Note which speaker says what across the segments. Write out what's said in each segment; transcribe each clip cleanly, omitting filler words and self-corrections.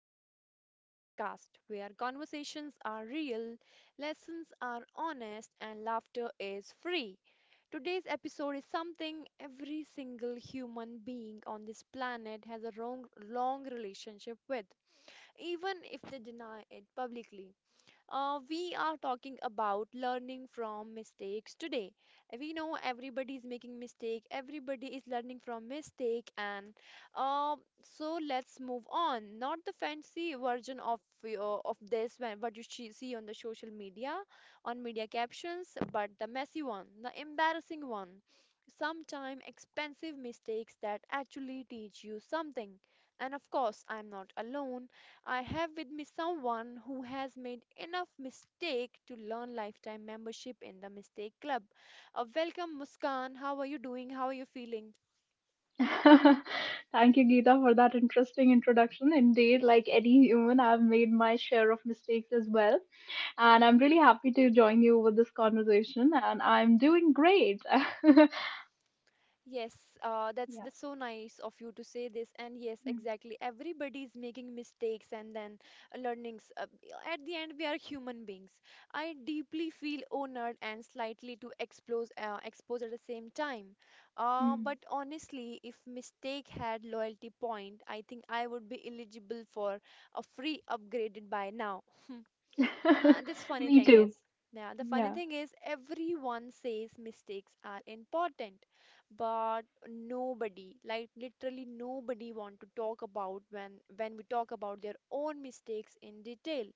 Speaker 1: episode of this podcast where conversations are real, lessons are honest, and laughter is free. Today's episode is something every single human being on this planet has a long, long relationship with, even if they deny it publicly. We are talking about learning from mistakes today. We know everybody is making mistake, everybody is learning from mistake, and uh, so let's move on. Not the fancy version of of this when what you see on the social media, on media captions, but the messy one, the embarrassing one. Sometime expensive mistakes that actually teach you something. And of course, I'm not alone. I have with me someone who has made enough mistake to learn lifetime membership in the Mistake Club. Welcome, Muskan. How are you doing? How are you feeling?
Speaker 2: Thank you, Geeta, for that interesting introduction. Indeed, like any human, I've made my share of mistakes as well. And I'm really happy to join you with this conversation, and I'm doing great.
Speaker 1: Yes, uh, that's
Speaker 2: Yeah.
Speaker 1: that's so nice of you to say this. And yes, exactly. Everybody is making mistakes and then learnings. At the end, we are human beings. I deeply feel honored and slightly to expose expose at the same time.
Speaker 2: Mm.
Speaker 1: But honestly, if mistake had loyalty point, I think I would be eligible for a free upgraded by now.
Speaker 2: Mm.
Speaker 1: This funny
Speaker 2: Me
Speaker 1: thing
Speaker 2: too.
Speaker 1: is, yeah, the funny
Speaker 2: Yeah.
Speaker 1: thing is everyone says mistakes are important, but nobody, like literally nobody want to talk about when we talk about their own mistakes in detail.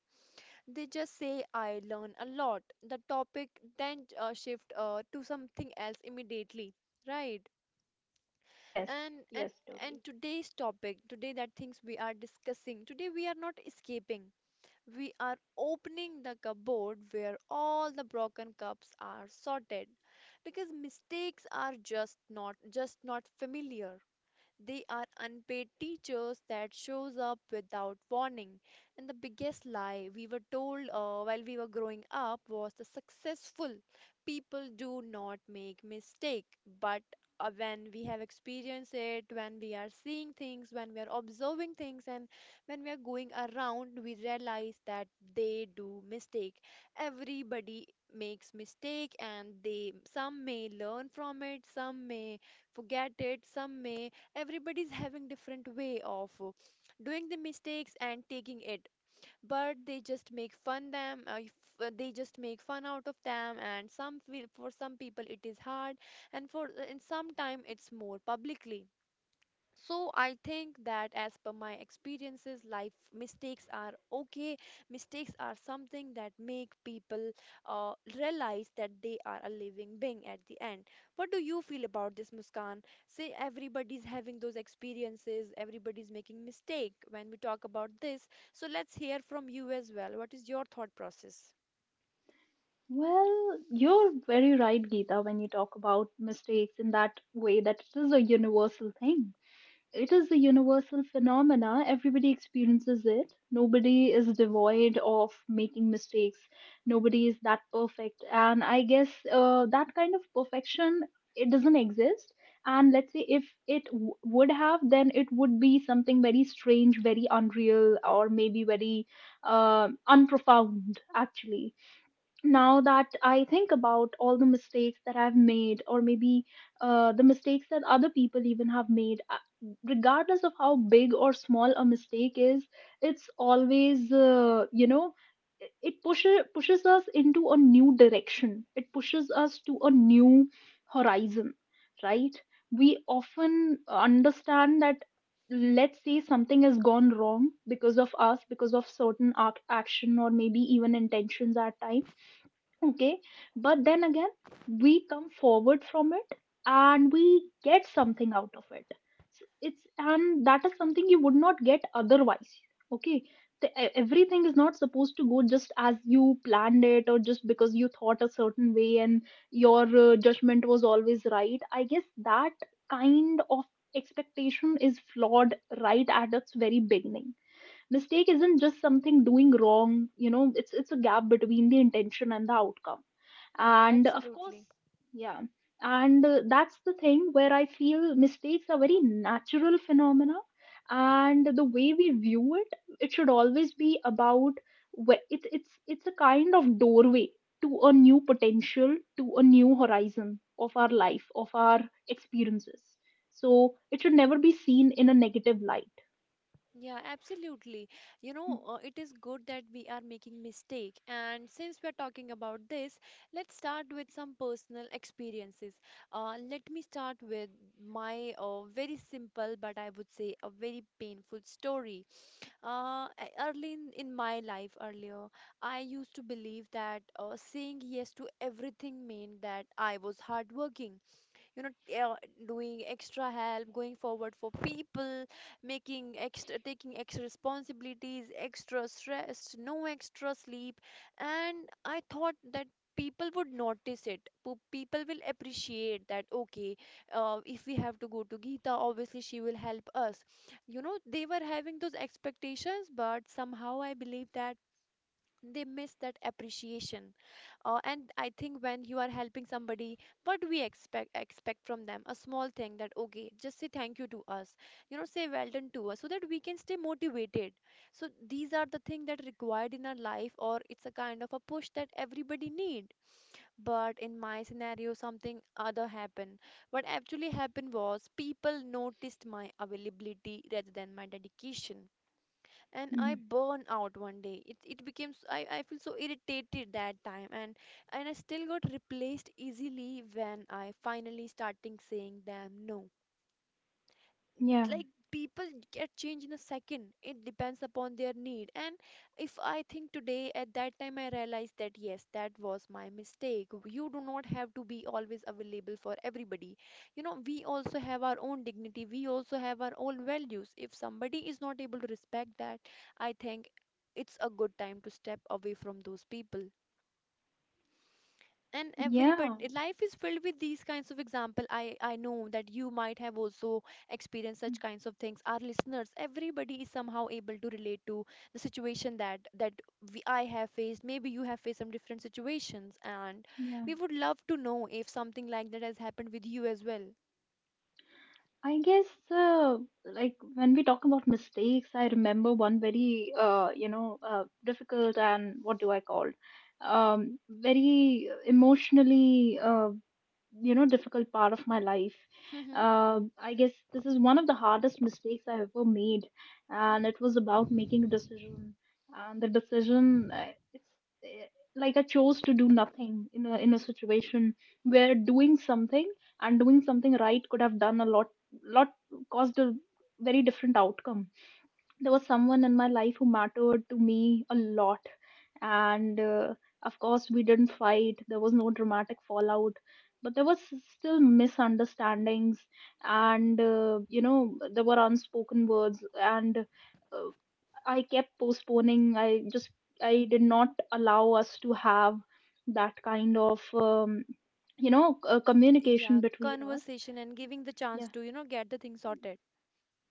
Speaker 1: They just say I learn a lot. The topic then shift to something else immediately, right?
Speaker 2: Yes.
Speaker 1: And and
Speaker 2: Yes, totally.
Speaker 1: and today's topic, today that things we are discussing, today we are not escaping. We are opening the cupboard where all the broken cups are sorted because mistakes are just not familiar, they are unpaid teachers that shows up without warning. And the biggest lie we were told while we were growing up was the successful people do not make mistake. But when we have experienced it, when we are seeing things, when we are observing things, and when we are going around, we realize that they do mistake. Everybody makes mistake and they some may learn from it, some may forget it, some may, everybody's having different way of doing the mistakes and taking it, but they just make fun them they just make fun out of them, and some feel, for some people it is hard, and for and sometime it's more publicly. So I think that as per my experiences, life mistakes are okay. Mistakes are something that make people realize that they are a living being at the end. What do you feel about this, Muskan? Say everybody's having those experiences, everybody's making mistake when we talk about this. So let's hear from you as well. What is your thought process?
Speaker 2: Well, you're very right, Geeta, when you talk about mistakes in that way that it is a universal thing. It is a universal phenomena. Everybody experiences it. Nobody is devoid of making mistakes. Nobody is that perfect. And I guess that kind of perfection, it doesn't exist. And let's say if it would have, then it would be something very strange, very unreal, or maybe very unprofound. Actually, now that I think about all the mistakes that I've made, or maybe the mistakes that other people even have made, regardless of how big or small a mistake is, it's always, it pushes us into a new direction. It pushes us to a new horizon, right? We often understand that, let's say, something has gone wrong because of us, because of certain action or maybe even intentions at times. Okay, but then again, we come forward from it and we get something out of it. It's and that is something you would not get otherwise. Okay, everything is not supposed to go just as you planned it, or just because you thought a certain way and your judgment was always right. I guess that kind of expectation is flawed right at its very beginning. Mistake isn't just something doing wrong, you know. It's a gap between the intention and the outcome.
Speaker 1: Yeah,
Speaker 2: And of course,
Speaker 1: absolutely.
Speaker 2: yeah. And that's the thing where I feel mistakes are very natural phenomena, and the way we view it, it should always be about where it's it's a kind of doorway to a new potential, to a new horizon of our life, of our experiences. So it should never be seen in a negative light.
Speaker 1: Yeah, absolutely. You know, it is good that we are making mistake. And since we're talking about this, let's start with some personal experiences. Let me start with my very simple, but I would say a very painful story. Early in my life, earlier, I used to believe that saying yes to everything meant that I was hardworking, you know, uh, doing extra help, going forward for people, making extra, taking extra responsibilities, extra stress, no extra sleep. And I thought that people would notice it. People will appreciate that, okay, if we have to go to Geeta, obviously she will help us. You know, they were having those expectations, but somehow I believe that they missed that appreciation. And I think when you are helping somebody, what do we expect from them? A small thing that okay, just say thank you to us, you know, say well done to us so that we can stay motivated. So these are the things that required in our life, or it's a kind of a push that everybody need. But in my scenario, something other happened. What actually happened was people noticed my availability rather than my dedication, and I
Speaker 2: Mhm.
Speaker 1: burn out one day. It became s- I feel so irritated that time, and I still got replaced easily when I finally starting saying them no.
Speaker 2: Yeah.
Speaker 1: Like people get change in a second. It depends upon their need. And if I think today, at that time I realized that yes, that was my mistake. You do not have to be always available for everybody. You know, we also have our own dignity, we also have our own values. If somebody is not able to respect that, I think it's a good time to step away from those people. And
Speaker 2: Yeah,
Speaker 1: everybody life is filled with these kinds of example. I know that you might have also experienced
Speaker 2: mm,
Speaker 1: such kinds of things. Our listeners, everybody is somehow able to relate to the situation that I have faced. Maybe you have faced some different situations, and
Speaker 2: yeah.
Speaker 1: we would love to know if something like that has happened with you as well.
Speaker 2: I guess uh, like when we talk about mistakes, I remember one very difficult and, what do I call, very emotionally difficult part of my life.
Speaker 1: Hmm,
Speaker 2: I guess this is one of the hardest mistakes I ever made. And it was about making a decision. And the decision, it's eh, like, I chose to do nothing in a, in a situation where doing something and doing something right could have done a lot, caused a very different outcome. There was someone in my life who mattered to me a lot. And of course, we didn't fight. There was no dramatic fallout, but there was still misunderstandings. And there were unspoken words, and I kept postponing. I did not allow us to have that kind of communication
Speaker 1: yeah,
Speaker 2: between us.
Speaker 1: conversation and giving the
Speaker 2: Yeah.
Speaker 1: chance to, you know, get the thing sorted.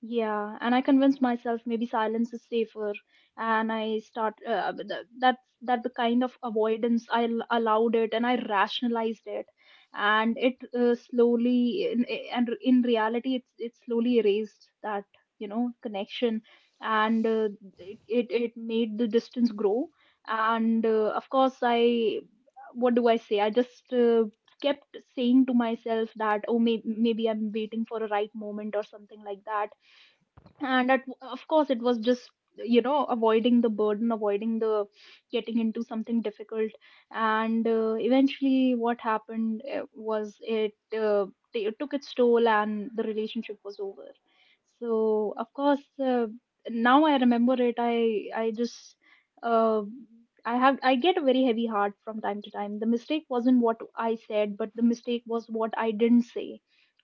Speaker 2: Yeah, and I convinced myself maybe silence is safer, and I start but that the kind of avoidance I allowed it, and I rationalized it, and it slowly and in reality, it's, it slowly erased that, you know, connection, and it, it made the distance grow. And of course, I, what do I say? I just kept saying to myself that, oh, maybe I'm waiting for a right moment or something like that. And at, of course, it was just, you know, avoiding the burden, avoiding the getting into something difficult. And eventually what happened, uh, it took its toll and the relationship was over. So of course, now I remember it, I just uh, I have I get a very heavy heart from time to time. The mistake wasn't what I said, but the mistake was what I didn't say,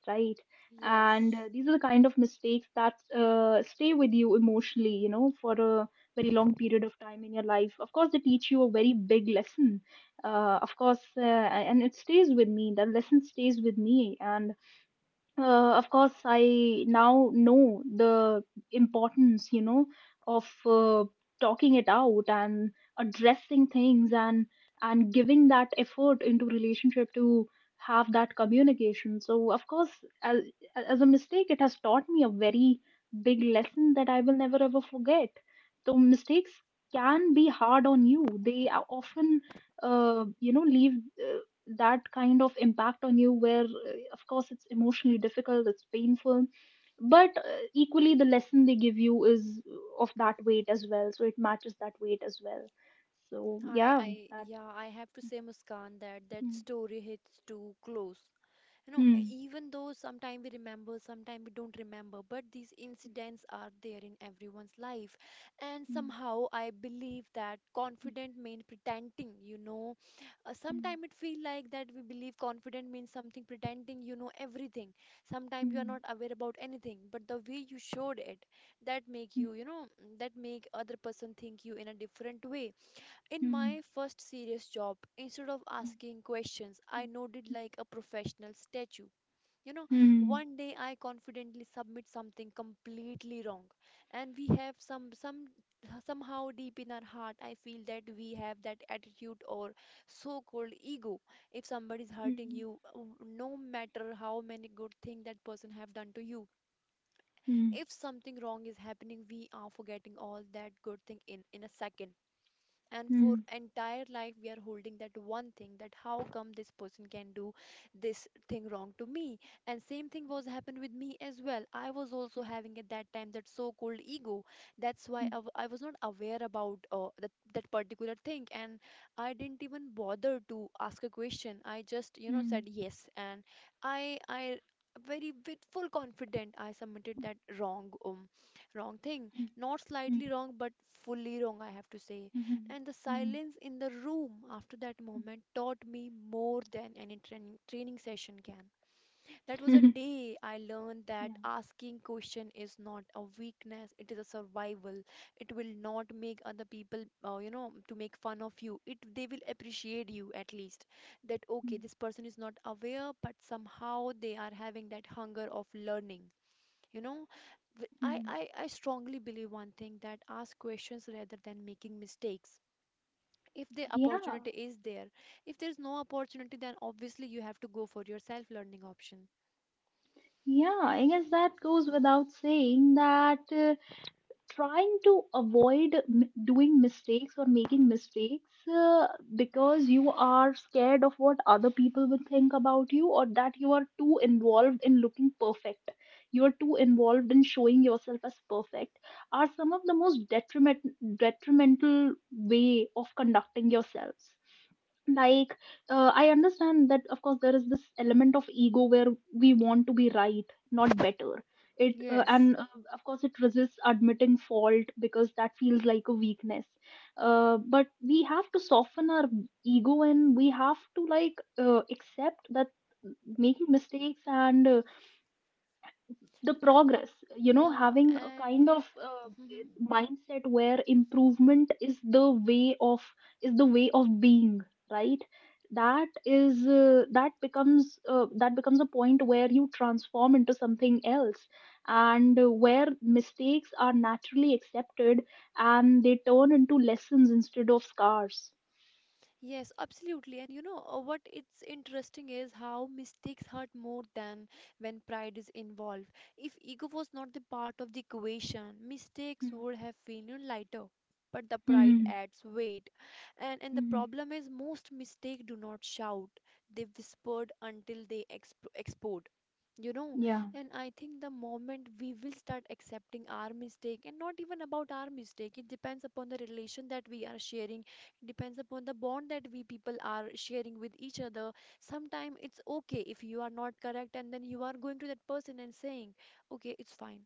Speaker 2: right? And
Speaker 1: Yes.
Speaker 2: these are the kind of mistakes that stay with you emotionally, you know, for a very long period of time in your life. Of course, they teach you a very big lesson. Of course And it stays with me, that lesson stays with me. And of course, I now know the importance, you know, of talking it out and addressing things and giving that effort into relationship to have that communication. So of course, as, as a mistake, it has taught me a very big lesson that I will never ever forget. So mistakes can be hard on you. They are often, leave uh, that kind of impact on you, where of course, it's emotionally difficult, it's painful, but equally the lesson they give you is of that weight as well. So it matches that weight as well. So yeah, that.
Speaker 1: Yeah, I have to say, Muskan, that that story hits too close. You know, even though sometimes we remember, sometimes we don't remember, but these incidents are there in everyone's life. And somehow I believe that confident means pretending, you know. Sometimes it feels like that we believe confident means something pretending, you know, everything. Sometimes you are not aware about anything, but the way you showed it, that make you, you know, that make other person think you in a different way. In my first serious job, instead of asking questions, I nodded like a professional statue. You know, one day I confidently submit something completely wrong, and we have somehow deep in our heart, I feel that we have that attitude or so-called ego. If somebody is hurting you, no matter how many good thing that person have done to you, if something wrong is happening, we are forgetting all that good thing in a second, and for entire life we are holding that one thing, that how come this person can do this thing wrong to me. And same thing was happened with me as well. I was also having at that time that so called ego. That's why I was not aware about that particular thing, and I didn't even bother to ask a question. I just, you know, said yes. And I very with full confident I submitted that wrong, wrong thing, not slightly wrong, but fully wrong, I have to say. And the silence in the room after that moment taught me more than any training session can. That was a day I learned that asking question is not a weakness, it is a survival. It will not make other people, you know, to make fun of you. It, they will appreciate you at least. That okay, this person is not aware, but somehow they are having that hunger of learning. You know, I strongly believe one thing, that ask questions rather than making mistakes if the
Speaker 2: Yeah.
Speaker 1: opportunity is there. If there's no opportunity, then obviously you have to go for your self learning option.
Speaker 2: Yeah, I guess that goes without saying that trying to avoid doing mistakes or making mistakes uh, because you are scared of what other people will think about you, or that you are too involved in looking perfect, you are too involved in showing yourself as perfect, are some of the most detrimental way of conducting yourselves. Like, I understand that of course there is this element of ego where we want to be right, not better. It
Speaker 1: Yes.
Speaker 2: and Of course, it resists admitting fault because that feels like a weakness. But we have to soften our ego and we have to, like, accept that making mistakes and the
Speaker 1: Uh,
Speaker 2: progress, you know,
Speaker 1: yeah,
Speaker 2: having a
Speaker 1: and
Speaker 2: kind of mindset where improvement is the way of is the way of being, right? That is, that becomes a point where you transform into something else. And where mistakes are naturally accepted and they turn into lessons instead of scars.
Speaker 1: Yes, absolutely. And you know, what it's interesting is how mistakes hurt more than when pride is involved. If ego was not the part of the equation, mistakes
Speaker 2: Hmm.
Speaker 1: would have been, you know, lighter. But the pride
Speaker 2: Hmm.
Speaker 1: adds weight. And the
Speaker 2: Hmm.
Speaker 1: problem is most mistakes do not shout. They whispered until they explode. You know,
Speaker 2: Yeah.
Speaker 1: and I think the moment we will start accepting our mistake, and not even about our mistake, it depends upon the relation that we are sharing, depends upon the bond that we people are sharing with each other. Sometimes it's okay if you are not correct and then you are going to that person and saying, okay, it's fine.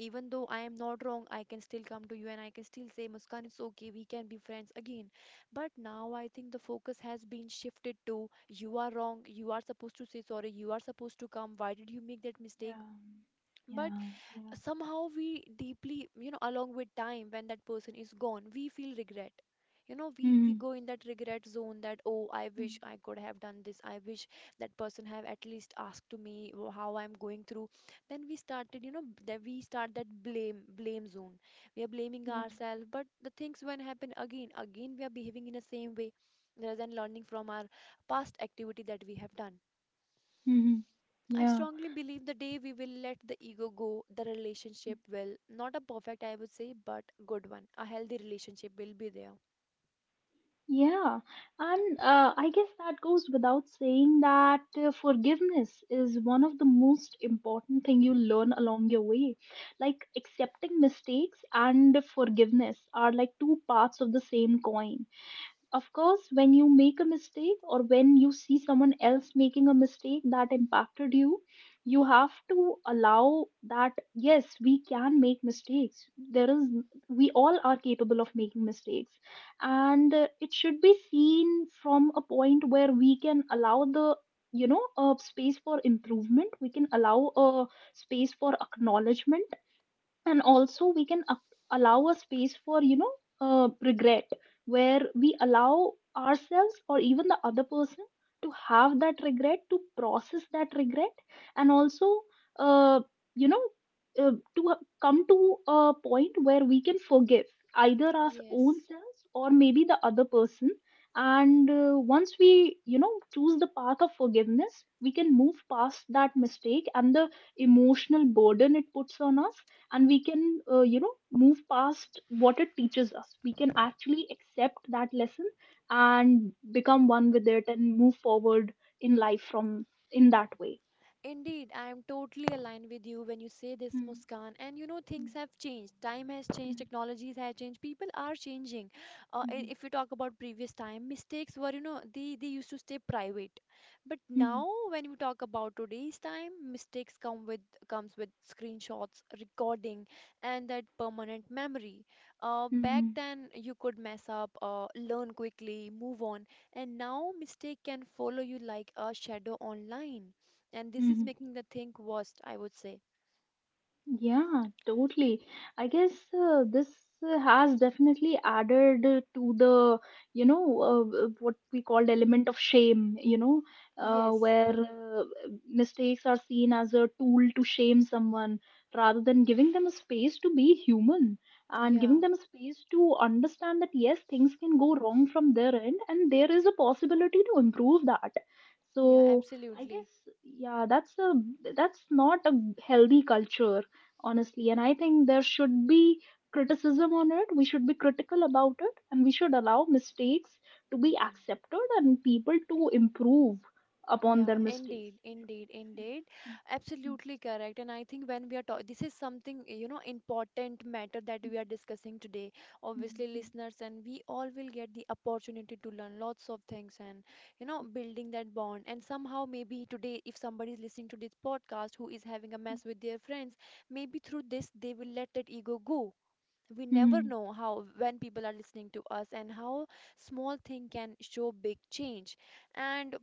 Speaker 1: Even though I am not wrong, I can still come to you and I can still say, Muskan, it's okay, we can be friends again. But now I think the focus has been shifted to, you are wrong, you are supposed to say sorry, you are supposed to come, why did you make that mistake?
Speaker 2: Yeah.
Speaker 1: But
Speaker 2: Yeah. Yeah.
Speaker 1: somehow we deeply, along with time when that person is gone, we feel regret. You know, we
Speaker 2: Hmm.
Speaker 1: go in that regret zone, that oh, I
Speaker 2: Hmm. Hmm.
Speaker 1: wish I could have done this, I wish that person have at least asked to me how I'm going through. Then we started, that we start that blame blame zone. We are blaming
Speaker 2: Yeah.
Speaker 1: ourselves, but the things when happen again again, we are behaving in the same way, rather than learning from our past activity that we have done.
Speaker 2: Hmm.
Speaker 1: I
Speaker 2: Yeah.
Speaker 1: strongly believe the day we will let the ego go, the relationship will, not a perfect, I would say, but good one. A healthy relationship will be there.
Speaker 2: Yeah, and I guess that goes without saying that forgiveness is one of the most important thing you learn along your way. Like accepting mistakes and forgiveness are like two parts of the same coin. Of course, when you make a mistake or when you see someone else making a mistake that impacted you, you have to allow that, yes, we can make mistakes. There is, we all are capable of making mistakes. And it should be seen from a point where we can allow the, you know, a space for improvement, we can allow a space for acknowledgement, and also we can allow a space for, you know, regret, where we allow ourselves or even the other person to have that regret, to process that regret. And also uh, you know come to a point where we can forgive either our own
Speaker 1: Yes,
Speaker 2: selves or maybe the other person. And once we, you know, choose the path of forgiveness, we can move past that mistake and the emotional burden it puts on us. And we can you know, move past what it teaches us. We can actually accept that lesson and become one with it and move forward in life from, in that way.
Speaker 1: indeed, I am totally aligned with you when you say this,
Speaker 2: Mm.
Speaker 1: Muskan. And you know, things have changed. Time has changed,
Speaker 2: Mm.
Speaker 1: technologies have changed, people are changing.
Speaker 2: Mm.
Speaker 1: If you talk about previous time, mistakes were, you know, they used to stay private. But
Speaker 2: Mm. Mm.
Speaker 1: now, when we talk about today's time, mistakes come with, comes with screenshots, recording, and that permanent memory. Back
Speaker 2: Mm.
Speaker 1: then, you could mess up, learn quickly, move on, and now mistake can follow you like a shadow online. And this is
Speaker 2: Mm.
Speaker 1: making the thing worst, I would say.
Speaker 2: Yeah, totally. I guess this has definitely added to the, you know, what we called element of shame, you know,
Speaker 1: Yes.
Speaker 2: where mistakes are seen as a tool to shame someone rather than giving them a space to be human and giving
Speaker 1: Yeah.
Speaker 2: them a space to understand that, yes, things can go wrong from their end and there is a possibility to improve that.
Speaker 1: Yeah,
Speaker 2: So I
Speaker 1: absolutely.
Speaker 2: guess, yeah, that's a, that's not a healthy culture honestly. And I think there should be criticism on it. We should be critical about it and we should allow mistakes to be accepted and people to improve upon their
Speaker 1: Yeah,
Speaker 2: mistakes.
Speaker 1: indeed, indeed, indeed. Absolutely correct. And I think when we are talking, this is something, you know, important matter that we are discussing today. Obviously, listeners, and we all will get the opportunity to learn lots of things and, you know, building that bond. And somehow, maybe today, if somebody is listening to this podcast who is having a mess with their friends, maybe through this, they will let that ego go. We never
Speaker 2: Hmm.
Speaker 1: know how when people are listening to us and how small thing can show big change. And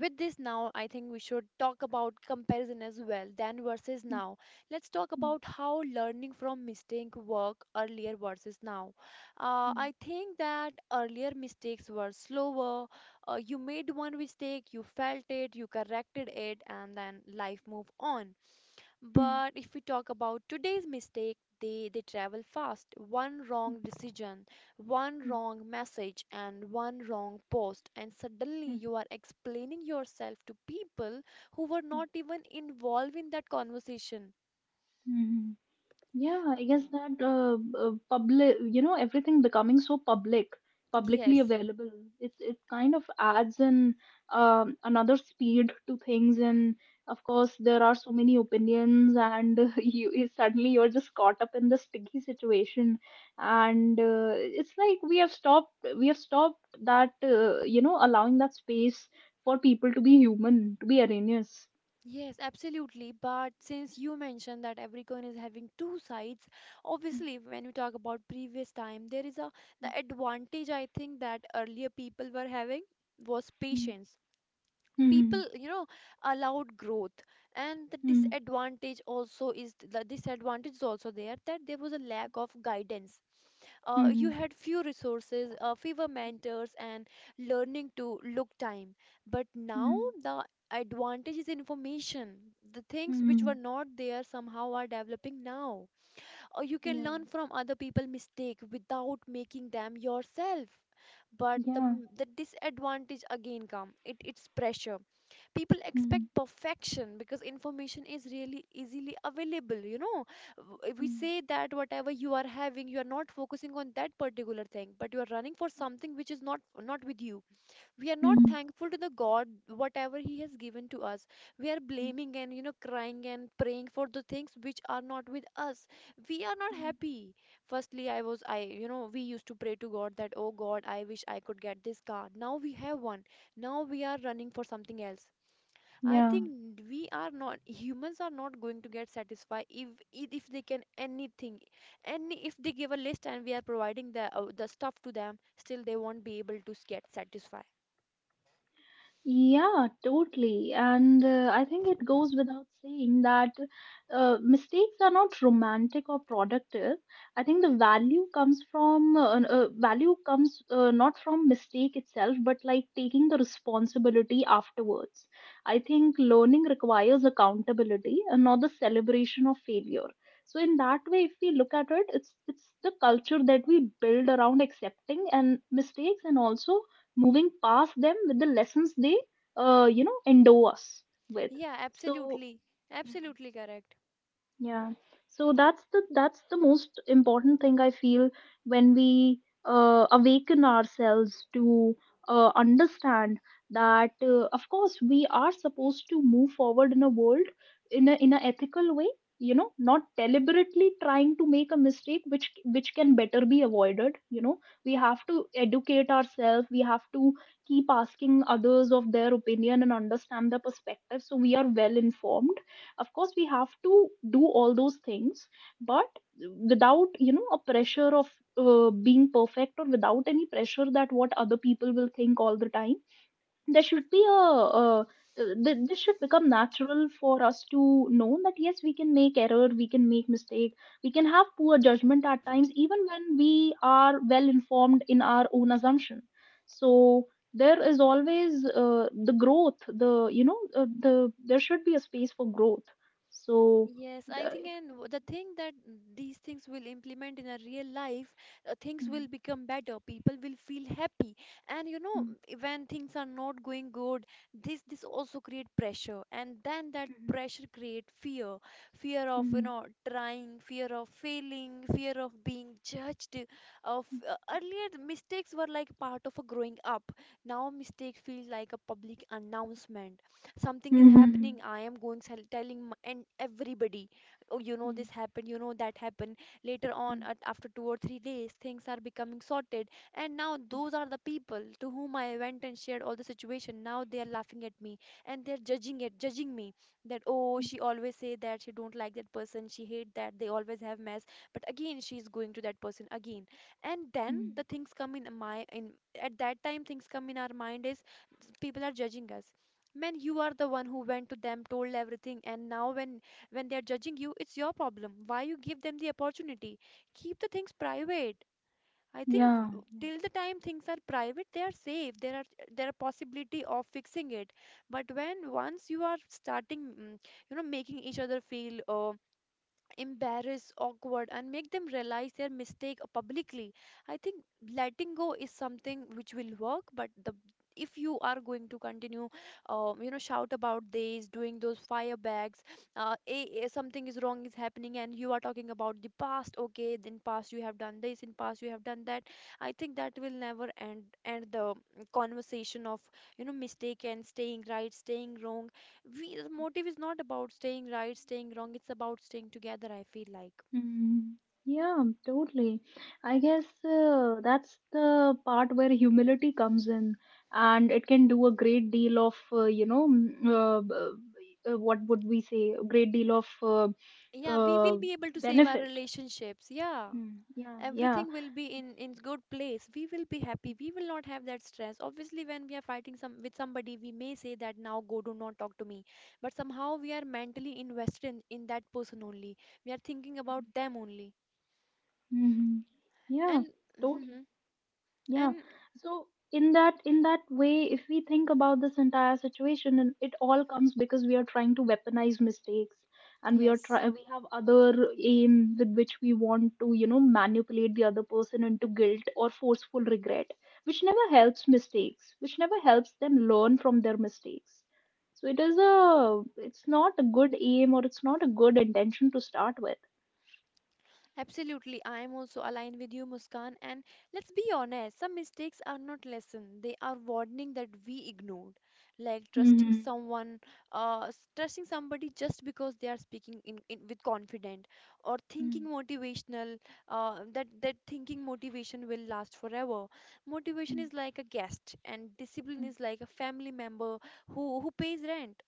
Speaker 1: with this, now I think we should talk about comparison as well, then versus
Speaker 2: Hmm.
Speaker 1: now. Let's talk
Speaker 2: Hmm.
Speaker 1: about how learning from mistake work earlier versus now. I think that earlier mistakes were slower. You made one mistake, you felt it, you corrected it, and then life move on.
Speaker 2: Hmm.
Speaker 1: But if we talk about today's mistake, they travel fast. One
Speaker 2: Hmm. Hmm.
Speaker 1: wrong decision, one
Speaker 2: Hmm.
Speaker 1: wrong message, and one wrong post, and suddenly
Speaker 2: Hmm.
Speaker 1: you are explaining yourself to people who were
Speaker 2: Hmm.
Speaker 1: not even involved in that conversation.
Speaker 2: Hmm. Yeah, I guess that public, you know, everything becoming so public, publicly
Speaker 1: Yes,
Speaker 2: available, it kind of adds in another speed to things. And of course, there are so many opinions, and you suddenly you're just caught up in the sticky situation. And it's like we have stopped that, you know, allowing that space for people to be human, to be erroneous.
Speaker 1: yes, absolutely. But since you mentioned that every coin is having two sides, obviously when we talk about previous time, there is a, the advantage I think that earlier people were having was
Speaker 2: Mm-hmm.
Speaker 1: patience.
Speaker 2: Mm-hmm.
Speaker 1: People, you know, allowed growth. And the
Speaker 2: Mm-hmm.
Speaker 1: disadvantage also is, the disadvantage is also there, that there was a lack of guidance.
Speaker 2: Mm-hmm.
Speaker 1: You had few resources, fewer mentors, and learning to look time. But now
Speaker 2: Mm-hmm.
Speaker 1: the advantage is information. The things which were
Speaker 2: Mm-hmm.
Speaker 1: not there somehow are developing now, or you can
Speaker 2: Yeah.
Speaker 1: learn from other people mistake without making them yourself. But
Speaker 2: Yeah.
Speaker 1: the disadvantage again come, it's pressure. People expect
Speaker 2: Mm.
Speaker 1: perfection because information is really easily available, you know. We
Speaker 2: Mm.
Speaker 1: say that whatever you are having, you are not focusing on that particular thing, but you are running for something which is not with you. We are not
Speaker 2: Mm.
Speaker 1: thankful to the God whatever he has given to us. We are blaming and, you know, crying and praying for the things which are not with us. We are not
Speaker 2: Mm.
Speaker 1: happy. Firstly, I was I you know, we used to pray to God that, oh God, I wish I could get this car, now we have one. Now we are running for something else. I
Speaker 2: Yeah.
Speaker 1: think we are not, humans are not going to get satisfied if, if they can anything, any if they give a list and we are providing the stuff to them, still they won't be able to get satisfied.
Speaker 2: Yeah, totally. And I think it goes without saying that mistakes are not romantic or productive. I think the value comes from value comes not from mistake itself, but like taking the responsibility afterwards. I think learning requires accountability and not the celebration of failure. So in that way, if we look at it, it's the culture that we build around accepting and mistakes and also moving past them with the lessons they endow us with.
Speaker 1: Yeah,
Speaker 2: so
Speaker 1: absolutely.
Speaker 2: Mhm.
Speaker 1: Absolutely correct.
Speaker 2: Yeah. So that's the most important thing I feel when we awaken ourselves to understand that of course we are supposed to move forward in a world in a ethical way, you know, not deliberately trying to make a mistake which can better be avoided, you know. We have to educate ourselves, we have to keep asking others of their opinion and understand their perspective so we are well informed. Of course we have to do all those things, but without a pressure of being perfect, or without any pressure that what other people will think all the time. There should be a this should become natural for us to know that yes, we can make error, we can make mistake, we can have poor judgment at times even when we are well informed in our own assumption. So there is always the growth the you know the there should be a space for growth. so
Speaker 1: Yes, I
Speaker 2: uh,
Speaker 1: think,
Speaker 2: it-
Speaker 1: and the thing that these things will implement in a real life, things will become better. People will feel happy, and you know,
Speaker 2: Mhm.
Speaker 1: when things are not going good, this also create pressure, and then that pressure create fear, fear of, you
Speaker 2: Mhm.
Speaker 1: know, trying, fear of failing, fear of being judged. Of, earlier, the mistakes were like part of a growing up. Now mistakes feel like a public announcement. Something
Speaker 2: Mhm.
Speaker 1: is happening,
Speaker 2: Mhm.
Speaker 1: I am going telling and everybody, oh, you know,
Speaker 2: Mhm.
Speaker 1: this happened, you know, that happened. Later on at, after 2 or 3 days things are becoming sorted, and now those are the people to whom I went and shared all the situation, now they are laughing at me, and they're judging it, judging me, that oh,
Speaker 2: Mhm.
Speaker 1: she always say that she don't like that person, she hate that, they always have mess, but again she's going to that person again. And then
Speaker 2: Mhm.
Speaker 1: the things come in my in, at that time things come in our mind is, people are judging us, man, you are the one who went to them, told everything, and now when they are judging you, it's your problem, why you give them the opportunity? Keep the things private. I think
Speaker 2: Yeah.
Speaker 1: till the time things are private, they are safe. There are, there are possibility of fixing it. But when once you are starting, mm, you know, making each other feel embarrass, awkward, and make them realize their mistake publicly. I think letting go is something which will work, but the, if you are going to continue, you know, shout about this, doing those fire bags, something is wrong is happening, and you are talking about the past. Okay, in past you have done this, in past you have done that. I think that will never end the conversation of, you know, mistake and staying right, staying wrong. We, the motive is not about staying right, staying wrong. It's about staying together, I feel like.
Speaker 2: Mm, yeah, totally. I guess that's the part where humility comes in, and it can do a great deal of, what would we say, a great deal of
Speaker 1: Yeah, we
Speaker 2: uh,
Speaker 1: will be able to save our
Speaker 2: benefit.
Speaker 1: relationships. Yeah.
Speaker 2: Mm, yeah, yeah,
Speaker 1: Everything will be in good place. We will be happy. We will not have that stress. Obviously, when we are fighting some with somebody, we may say that now go, do not talk to me. But somehow we are mentally invested in that person only. We are thinking about them only.
Speaker 2: hmm, yeah,
Speaker 1: And
Speaker 2: totally. Yeah.
Speaker 1: and
Speaker 2: So in that way, if we think about this entire situation, and it all comes because we are trying to weaponize mistakes, and we are
Speaker 1: yes.
Speaker 2: try we have other aim with which we want to manipulate the other person into guilt or forceful regret, which never helps mistakes, which never helps them learn from their mistakes. So it's not a good aim or it's not a good intention to start with.
Speaker 1: Absolutely, I am also aligned with you, Muskan. And let's be honest, some mistakes are not lesson; they are warning that we ignored, like trusting
Speaker 2: Mm-hmm.
Speaker 1: someone, trusting somebody just because they are speaking in with confident, or thinking
Speaker 2: Mm,
Speaker 1: motivational, that that thinking motivation will last forever. Motivation
Speaker 2: mm,
Speaker 1: is like a guest, and discipline
Speaker 2: mm.
Speaker 1: is like a family member who pays rent.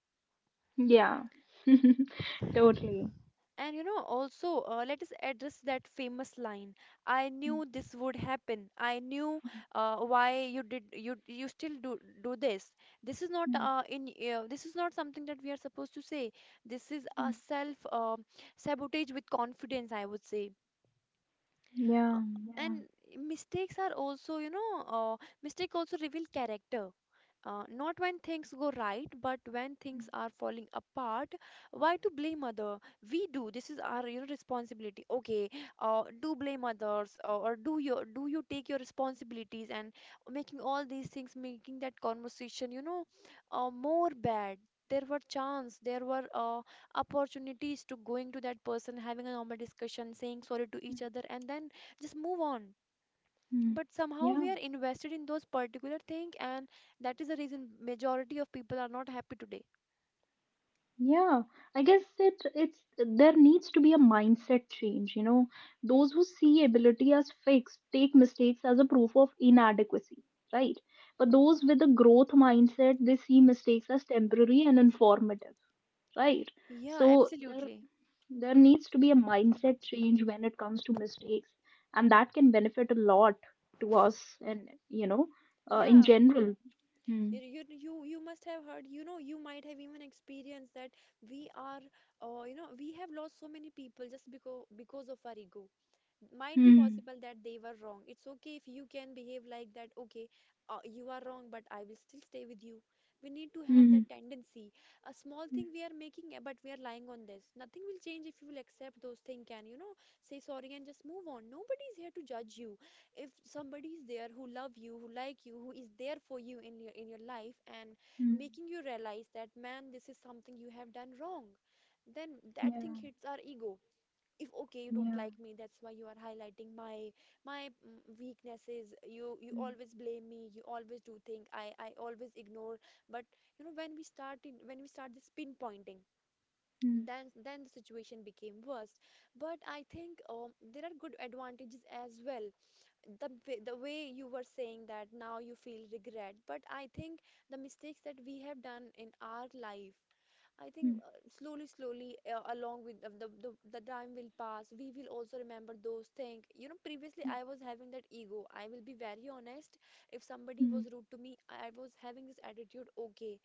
Speaker 2: Yeah. Totally.
Speaker 1: And you know, also, let us address that famous line. I knew this would happen. I knew, why you did, you still do this. This is not
Speaker 2: Mm,
Speaker 1: in this is not something that we are supposed to say. This is a
Speaker 2: mm,
Speaker 1: self, sabotage with confidence, I would say. Uh,
Speaker 2: yeah,
Speaker 1: And
Speaker 2: yeah,
Speaker 1: mistakes are also, you know, uh, mistake also reveal character. Not when things go right, but when things
Speaker 2: mm,
Speaker 1: are falling apart. Why to blame other? We do. This is our, you know, responsibility. Okay, do blame others, or, do your, do you take your responsibilities and making all these things, making that conversation, you know, more bad. There were chance, there were opportunities to going to that person, having a normal discussion, saying sorry to
Speaker 2: mm,
Speaker 1: each other, and then just move on.
Speaker 2: mm.
Speaker 1: But somehow
Speaker 2: Yeah,
Speaker 1: we are invested in those particular thing, and that is the reason majority of people are not happy today.
Speaker 2: yeah. I guess it it's there needs to be a mindset change, you know. Those who see ability as fixed take mistakes as a proof of inadequacy, right? But those with a growth mindset, they see mistakes as temporary and informative, right?
Speaker 1: Yeah,
Speaker 2: So there
Speaker 1: absolutely.
Speaker 2: There needs to be a mindset change when it comes to mistakes, and that can benefit a lot to us and you know, in
Speaker 1: Yeah,
Speaker 2: general. Hmm.
Speaker 1: you must have heard, you know, you might have even experienced that we are, you know, we have lost so many people just because of our ego. Might be
Speaker 2: Hmm.
Speaker 1: possible that they were wrong, it's okay if you can behave like that. Okay, you are wrong, but I will still stay with you. We need to have
Speaker 2: Hmm.
Speaker 1: that tendency. A small
Speaker 2: Hmm.
Speaker 1: thing we are making, but we are lying on this, nothing will change if you will accept those things and, you know, say sorry and just move on. Nobody is here to judge you. If somebody is there who love you, who like you, who is there for you in your, in your life, and
Speaker 2: Hmm.
Speaker 1: making you realize that, man, this is something you have done wrong, then that thing
Speaker 2: Yeah.
Speaker 1: hits our ego. If okay, you don't
Speaker 2: Yeah.
Speaker 1: like me, that's why you are highlighting my, my, mm, weaknesses, you
Speaker 2: Hmm.
Speaker 1: always blame me, you always do think, I always ignore. But you know when when we start this pinpointing,
Speaker 2: Hmm.
Speaker 1: then the situation became worse. But I think there are good advantages as well. The way you were saying that now you feel regret, but I think the mistakes that we have done in our life, I think
Speaker 2: Hmm.
Speaker 1: slowly, slowly, along with the the time will pass, we will also remember those things. You know, previously I was having that ego. I will be very honest. If somebody
Speaker 2: Hmm.
Speaker 1: was rude to me, I was having this attitude, okay,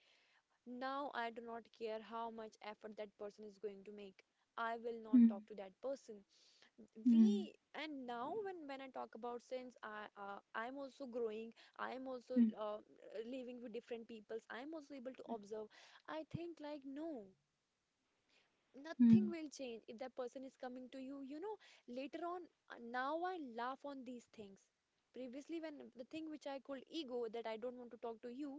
Speaker 1: now I do not care how much effort that person is going to make. I will not
Speaker 2: Hmm.
Speaker 1: talk to that person.
Speaker 2: Hmm.
Speaker 1: We and now when I talk about sins, I'm also growing. I'm also
Speaker 2: Hmm.
Speaker 1: living with different peoples. I'm also able to observe. I think like nothing
Speaker 2: Hmm.
Speaker 1: will change if that person is coming to you you know Later on, now I laugh on these things. Previously, when the thing which I called ego that I don't want to talk to you,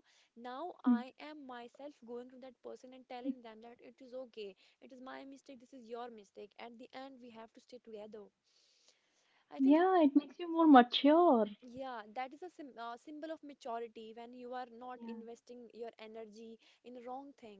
Speaker 1: now
Speaker 2: Hmm.
Speaker 1: I am myself going to that person and telling them that it is okay. It is my mistake, this is your mistake. At the end, we have to stay together, I think.
Speaker 2: Yeah, it makes you more mature.
Speaker 1: Yeah, that is a symbol of maturity when you are not
Speaker 2: Yeah.
Speaker 1: investing your energy in a wrong thing.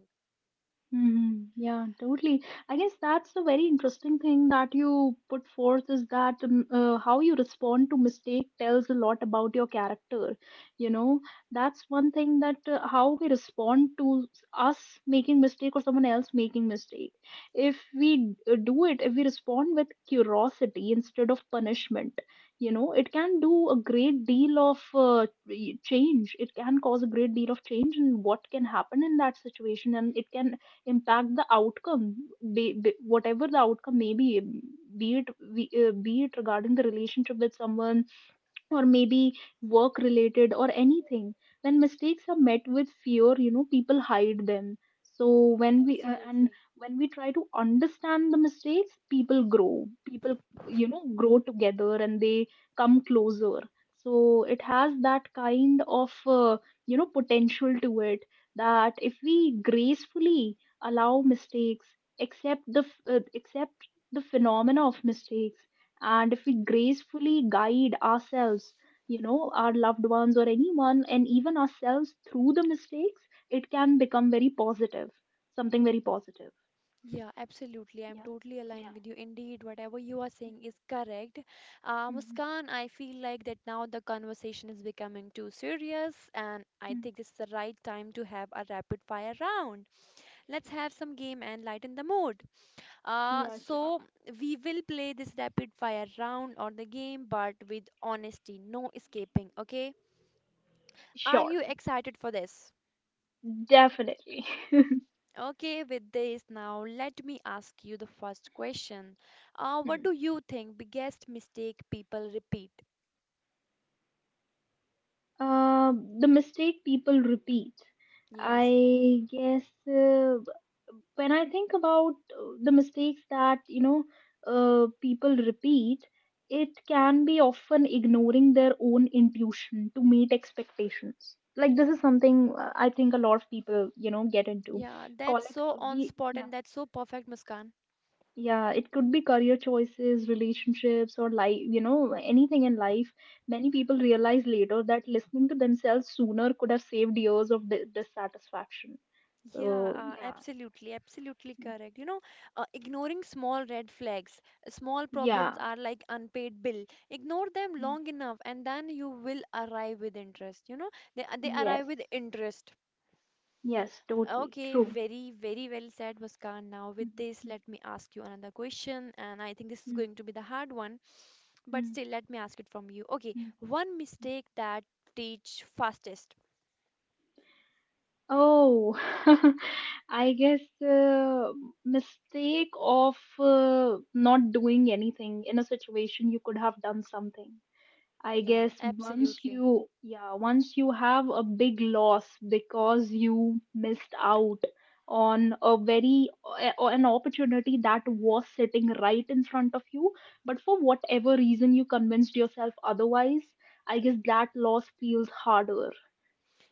Speaker 2: Mhm. Yeah, totally. I guess that's the very interesting thing that you put forth is that how you respond to mistake tells a lot about your character. You know, that's one thing that how we respond to us making mistake or someone else making mistake. If we if we respond with curiosity instead of punishment, you know, it can do a great deal of change. It can cause a great deal of change in what can happen in that situation, and it can impact the outcome, whatever the outcome may be it be it regarding the relationship with someone, or maybe work related or anything. When mistakes are met with fear, you know, people hide them. So
Speaker 1: Yeah,
Speaker 2: when we and
Speaker 1: absolutely.
Speaker 2: when we try to understand the mistakes, people grow, people you know grow together and they come closer. So it has that kind of you know potential to it, that if we gracefully allow mistakes, accept the accept the phenomena of mistakes, and if we gracefully guide ourselves, you know, our loved ones or anyone, and even ourselves through the mistakes, it can become very positive, something very positive.
Speaker 1: Yeah, absolutely. I'm
Speaker 2: Yeah.
Speaker 1: totally
Speaker 2: Yeah.
Speaker 1: aligned with you. Indeed, whatever you are saying is correct.
Speaker 2: Mhm.
Speaker 1: Muskan, I feel like that now the conversation is becoming too serious, and I
Speaker 2: Hmm.
Speaker 1: think this is the right time to have a rapid fire round. Let's have
Speaker 2: Sh-
Speaker 1: some game and lighten the mood. Uh,
Speaker 2: Yeah, sure.
Speaker 1: so we will play this rapid fire round or the game, but with honesty, no escaping, okay? Are
Speaker 2: Sure,
Speaker 1: you excited for this?
Speaker 2: definitely.
Speaker 1: Okay, with this now, let me ask you the first question. What
Speaker 2: Hmm.
Speaker 1: do you think biggest mistake people repeat?
Speaker 2: Uh, the mistake people repeat.
Speaker 1: Yes.
Speaker 2: I guess uh, when I think about the mistakes that you know people repeat, it can be often ignoring their own intuition to meet expectations. Like this is something I think a lot of people you know get into.
Speaker 1: Yeah, that's
Speaker 2: Call it
Speaker 1: so on
Speaker 2: be
Speaker 1: spot and
Speaker 2: yeah
Speaker 1: that's so perfect, Muskan.
Speaker 2: Yeah, it could be career choices, relationships, or life, you know, anything in life. Many people realize later that listening to themselves sooner could have saved years of dissatisfaction.
Speaker 1: Yeah,
Speaker 2: So, yeah.
Speaker 1: absolutely, absolutely
Speaker 2: Mm.
Speaker 1: correct. You know, ignoring small red flags, small problems
Speaker 2: Yeah.
Speaker 1: are like unpaid bill. Ignore them
Speaker 2: Mm.
Speaker 1: long enough, and then you will arrive with interest. You know, they
Speaker 2: Yes.
Speaker 1: arrive with interest.
Speaker 2: Yes, totally.
Speaker 1: Okay,
Speaker 2: True.
Speaker 1: very, very well said, Muskan. Now, with
Speaker 2: Mm,
Speaker 1: this, let me ask you another question, and I think this is
Speaker 2: mm,
Speaker 1: going to be the hard one, but
Speaker 2: mm,
Speaker 1: still, let me ask it from you. Okay,
Speaker 2: mm,
Speaker 1: one
Speaker 2: mm.
Speaker 1: mistake that teach fastest.
Speaker 2: Oh, I guess uh, mistake of not doing anything in a situation you could have done something. I
Speaker 1: Yeah,
Speaker 2: guess once
Speaker 1: absolutely.
Speaker 2: you, yeah, once you have a big loss because you missed out on a very an opportunity that was sitting right in front of you, but for whatever reason you convinced yourself otherwise, I guess that loss feels harder.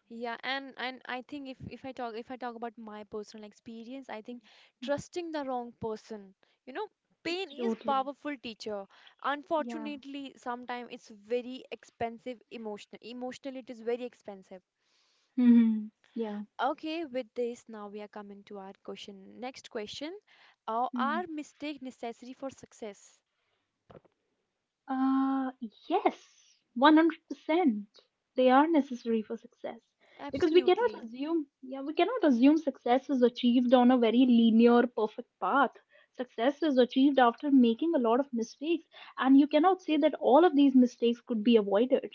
Speaker 1: Yeah, and I think if I talk about my personal experience, I think trusting the wrong person, you know, pain is
Speaker 2: Totally.
Speaker 1: powerful teacher.
Speaker 2: Yeah.
Speaker 1: Unfortunately, sometimes it's very expensive emotional. Emotionally, it is very expensive.
Speaker 2: Hmm. Yeah.
Speaker 1: Okay, with this, now we are coming to our question. Next question. Are mistakes necessary for success?
Speaker 2: Uh, yes, 100%. They are necessary for success because we cannot
Speaker 1: Absolutely.
Speaker 2: assume, yeah, we cannot assume success is achieved on a very linear, perfect path. Success is achieved after making a lot of mistakes, and you cannot say that all of these mistakes could be avoided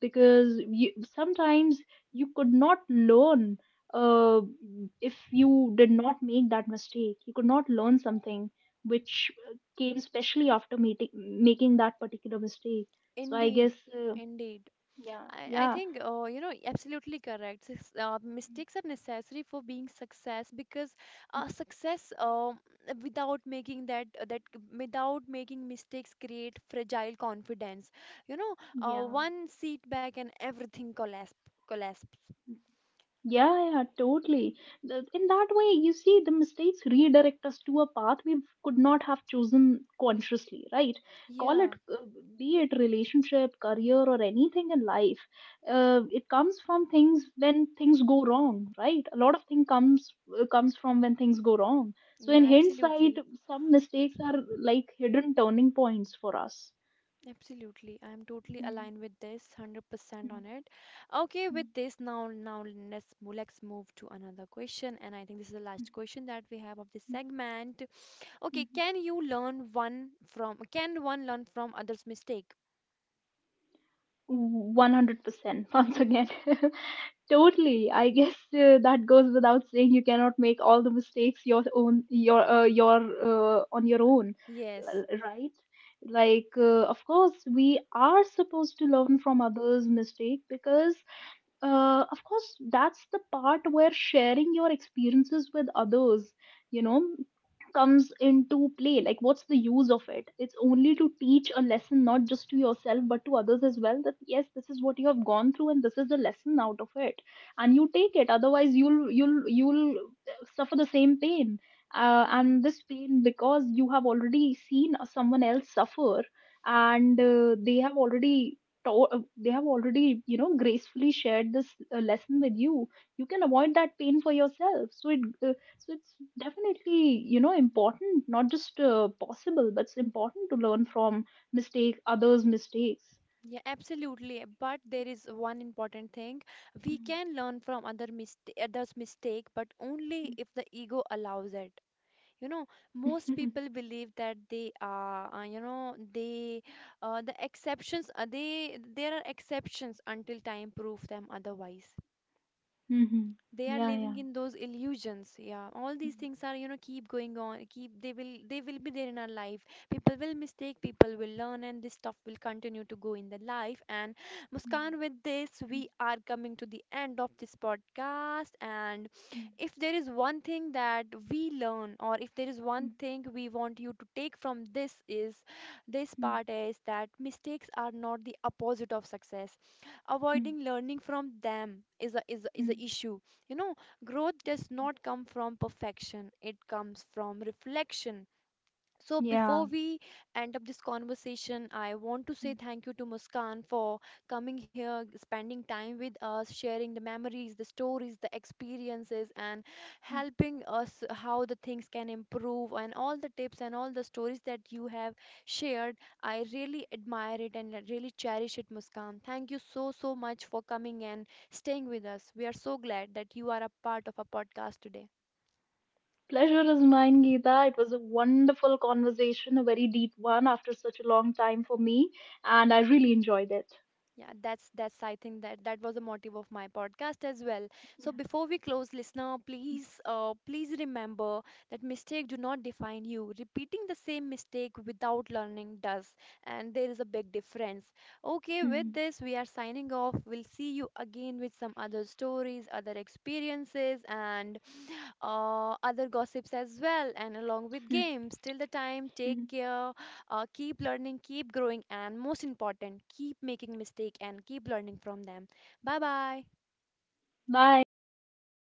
Speaker 2: because you, sometimes you could not learn uh, if you did not make that mistake. You could not learn something which came especially after meeting making that particular mistake. so i guess
Speaker 1: Indeed.
Speaker 2: uh,
Speaker 1: Indeed.
Speaker 2: yeah,
Speaker 1: I
Speaker 2: yeah,
Speaker 1: think, you know, absolutely correct. Mistakes are necessary for being success because success without making that, without making mistakes create fragile confidence. You know,
Speaker 2: yeah.
Speaker 1: one setback and everything collapse collapse.
Speaker 2: Yeah, yeah, totally. Th- In that way, you see, the mistakes redirect us to a path we could not have chosen consciously, right? Call
Speaker 1: Yeah,
Speaker 2: it, be it relationship, career, or anything in life. It comes from things when things go wrong, right? A lot of thing comes comes from when things go wrong. So
Speaker 1: yeah,
Speaker 2: in hindsight,
Speaker 1: absolutely.
Speaker 2: some mistakes are like hidden turning points for us.
Speaker 1: Absolutely. I'm totally
Speaker 2: Mm,
Speaker 1: aligned with this, 100%
Speaker 2: mm,
Speaker 1: on it. Okay, with
Speaker 2: mm,
Speaker 1: this now let's move to another question and I think this is the
Speaker 2: mm,
Speaker 1: last question that we have of this segment.
Speaker 2: mm,
Speaker 1: Okay,
Speaker 2: mm.
Speaker 1: can one learn from others' mistake?
Speaker 2: 100% once again. Totally. I guess that goes without saying. You cannot make all the mistakes your own, your on your own, l-
Speaker 1: Yes.
Speaker 2: right? Like, of course, we are supposed to learn from others' mistake because of course that's the part where sharing your experiences with others you know comes into play. Like what's the use of it? It's only to teach a lesson, not just to yourself, but to others as well, that yes, this is what you have gone through and this is the lesson out of it, and you take it. Otherwise, you'll suffer the same pain,
Speaker 1: Yeah,
Speaker 2: and this pain, because you have already seen someone else suffer and they have already they have already you know gracefully shared this lesson with you, you can avoid that pain for yourself. So it's definitely you know important, not just possible, but it's important to learn from mistake others mistakes.
Speaker 1: yeah, absolutely. But there is one important thing. We can learn from others' mistake, but only if the ego allows it. You know, most
Speaker 2: Mm.
Speaker 1: people believe that they are you know, the exceptions are they there are exceptions until time prove them otherwise.
Speaker 2: Mhm.
Speaker 1: They are
Speaker 2: Yeah,
Speaker 1: living
Speaker 2: yeah.
Speaker 1: in those illusions. Yeah, all
Speaker 2: Mm,
Speaker 1: these things are, you know, keep going on, keep they will, they will be there in our life. People will mistake, people will learn, and this stuff will continue to go in the life. And
Speaker 2: mm,
Speaker 1: Muskan, with this we are coming to the end of this podcast. And
Speaker 2: mm,
Speaker 1: if there is one thing that we learn, or if there is
Speaker 2: mm,
Speaker 1: one
Speaker 2: mm,
Speaker 1: thing we want you to take from this is this
Speaker 2: mm,
Speaker 1: part, is that mistakes are not the opposite of success.
Speaker 2: mm,
Speaker 1: Avoiding learning from them is a is a, is
Speaker 2: mm.
Speaker 1: a issue, you know. Growth does not come from perfection, it comes from reflection. So
Speaker 2: Yeah.
Speaker 1: before we end up this conversation, I want to say thank you to Muskan for coming here, spending time with us, sharing the memories, the stories, the experiences, and helping us how the things can improve and all the tips and all the stories that you have shared. I really admire it and I really cherish it, Muskan. Thank you so, so much for coming and staying with us. We are so glad that you are a part of our podcast today.
Speaker 2: Pleasure is mine, Geeta. It was a wonderful conversation, a very deep one after such a long time for me, and I really enjoyed it.
Speaker 1: Yeah, that's I think that was the motive of my podcast as well.
Speaker 2: Yeah.
Speaker 1: So before we close, listener, please please remember that mistake do not define you. Repeating the same mistake without learning does, and there is a big difference. Okay, with
Speaker 2: Mhm.
Speaker 1: this we are signing off. We'll see you again with some other stories, other experiences, and other gossips as well, and along with games. Till the time, take
Speaker 2: Mhm.
Speaker 1: care, keep learning, keep growing, and most important, keep making mistake and keep learning from them. Bye bye.
Speaker 2: Bye.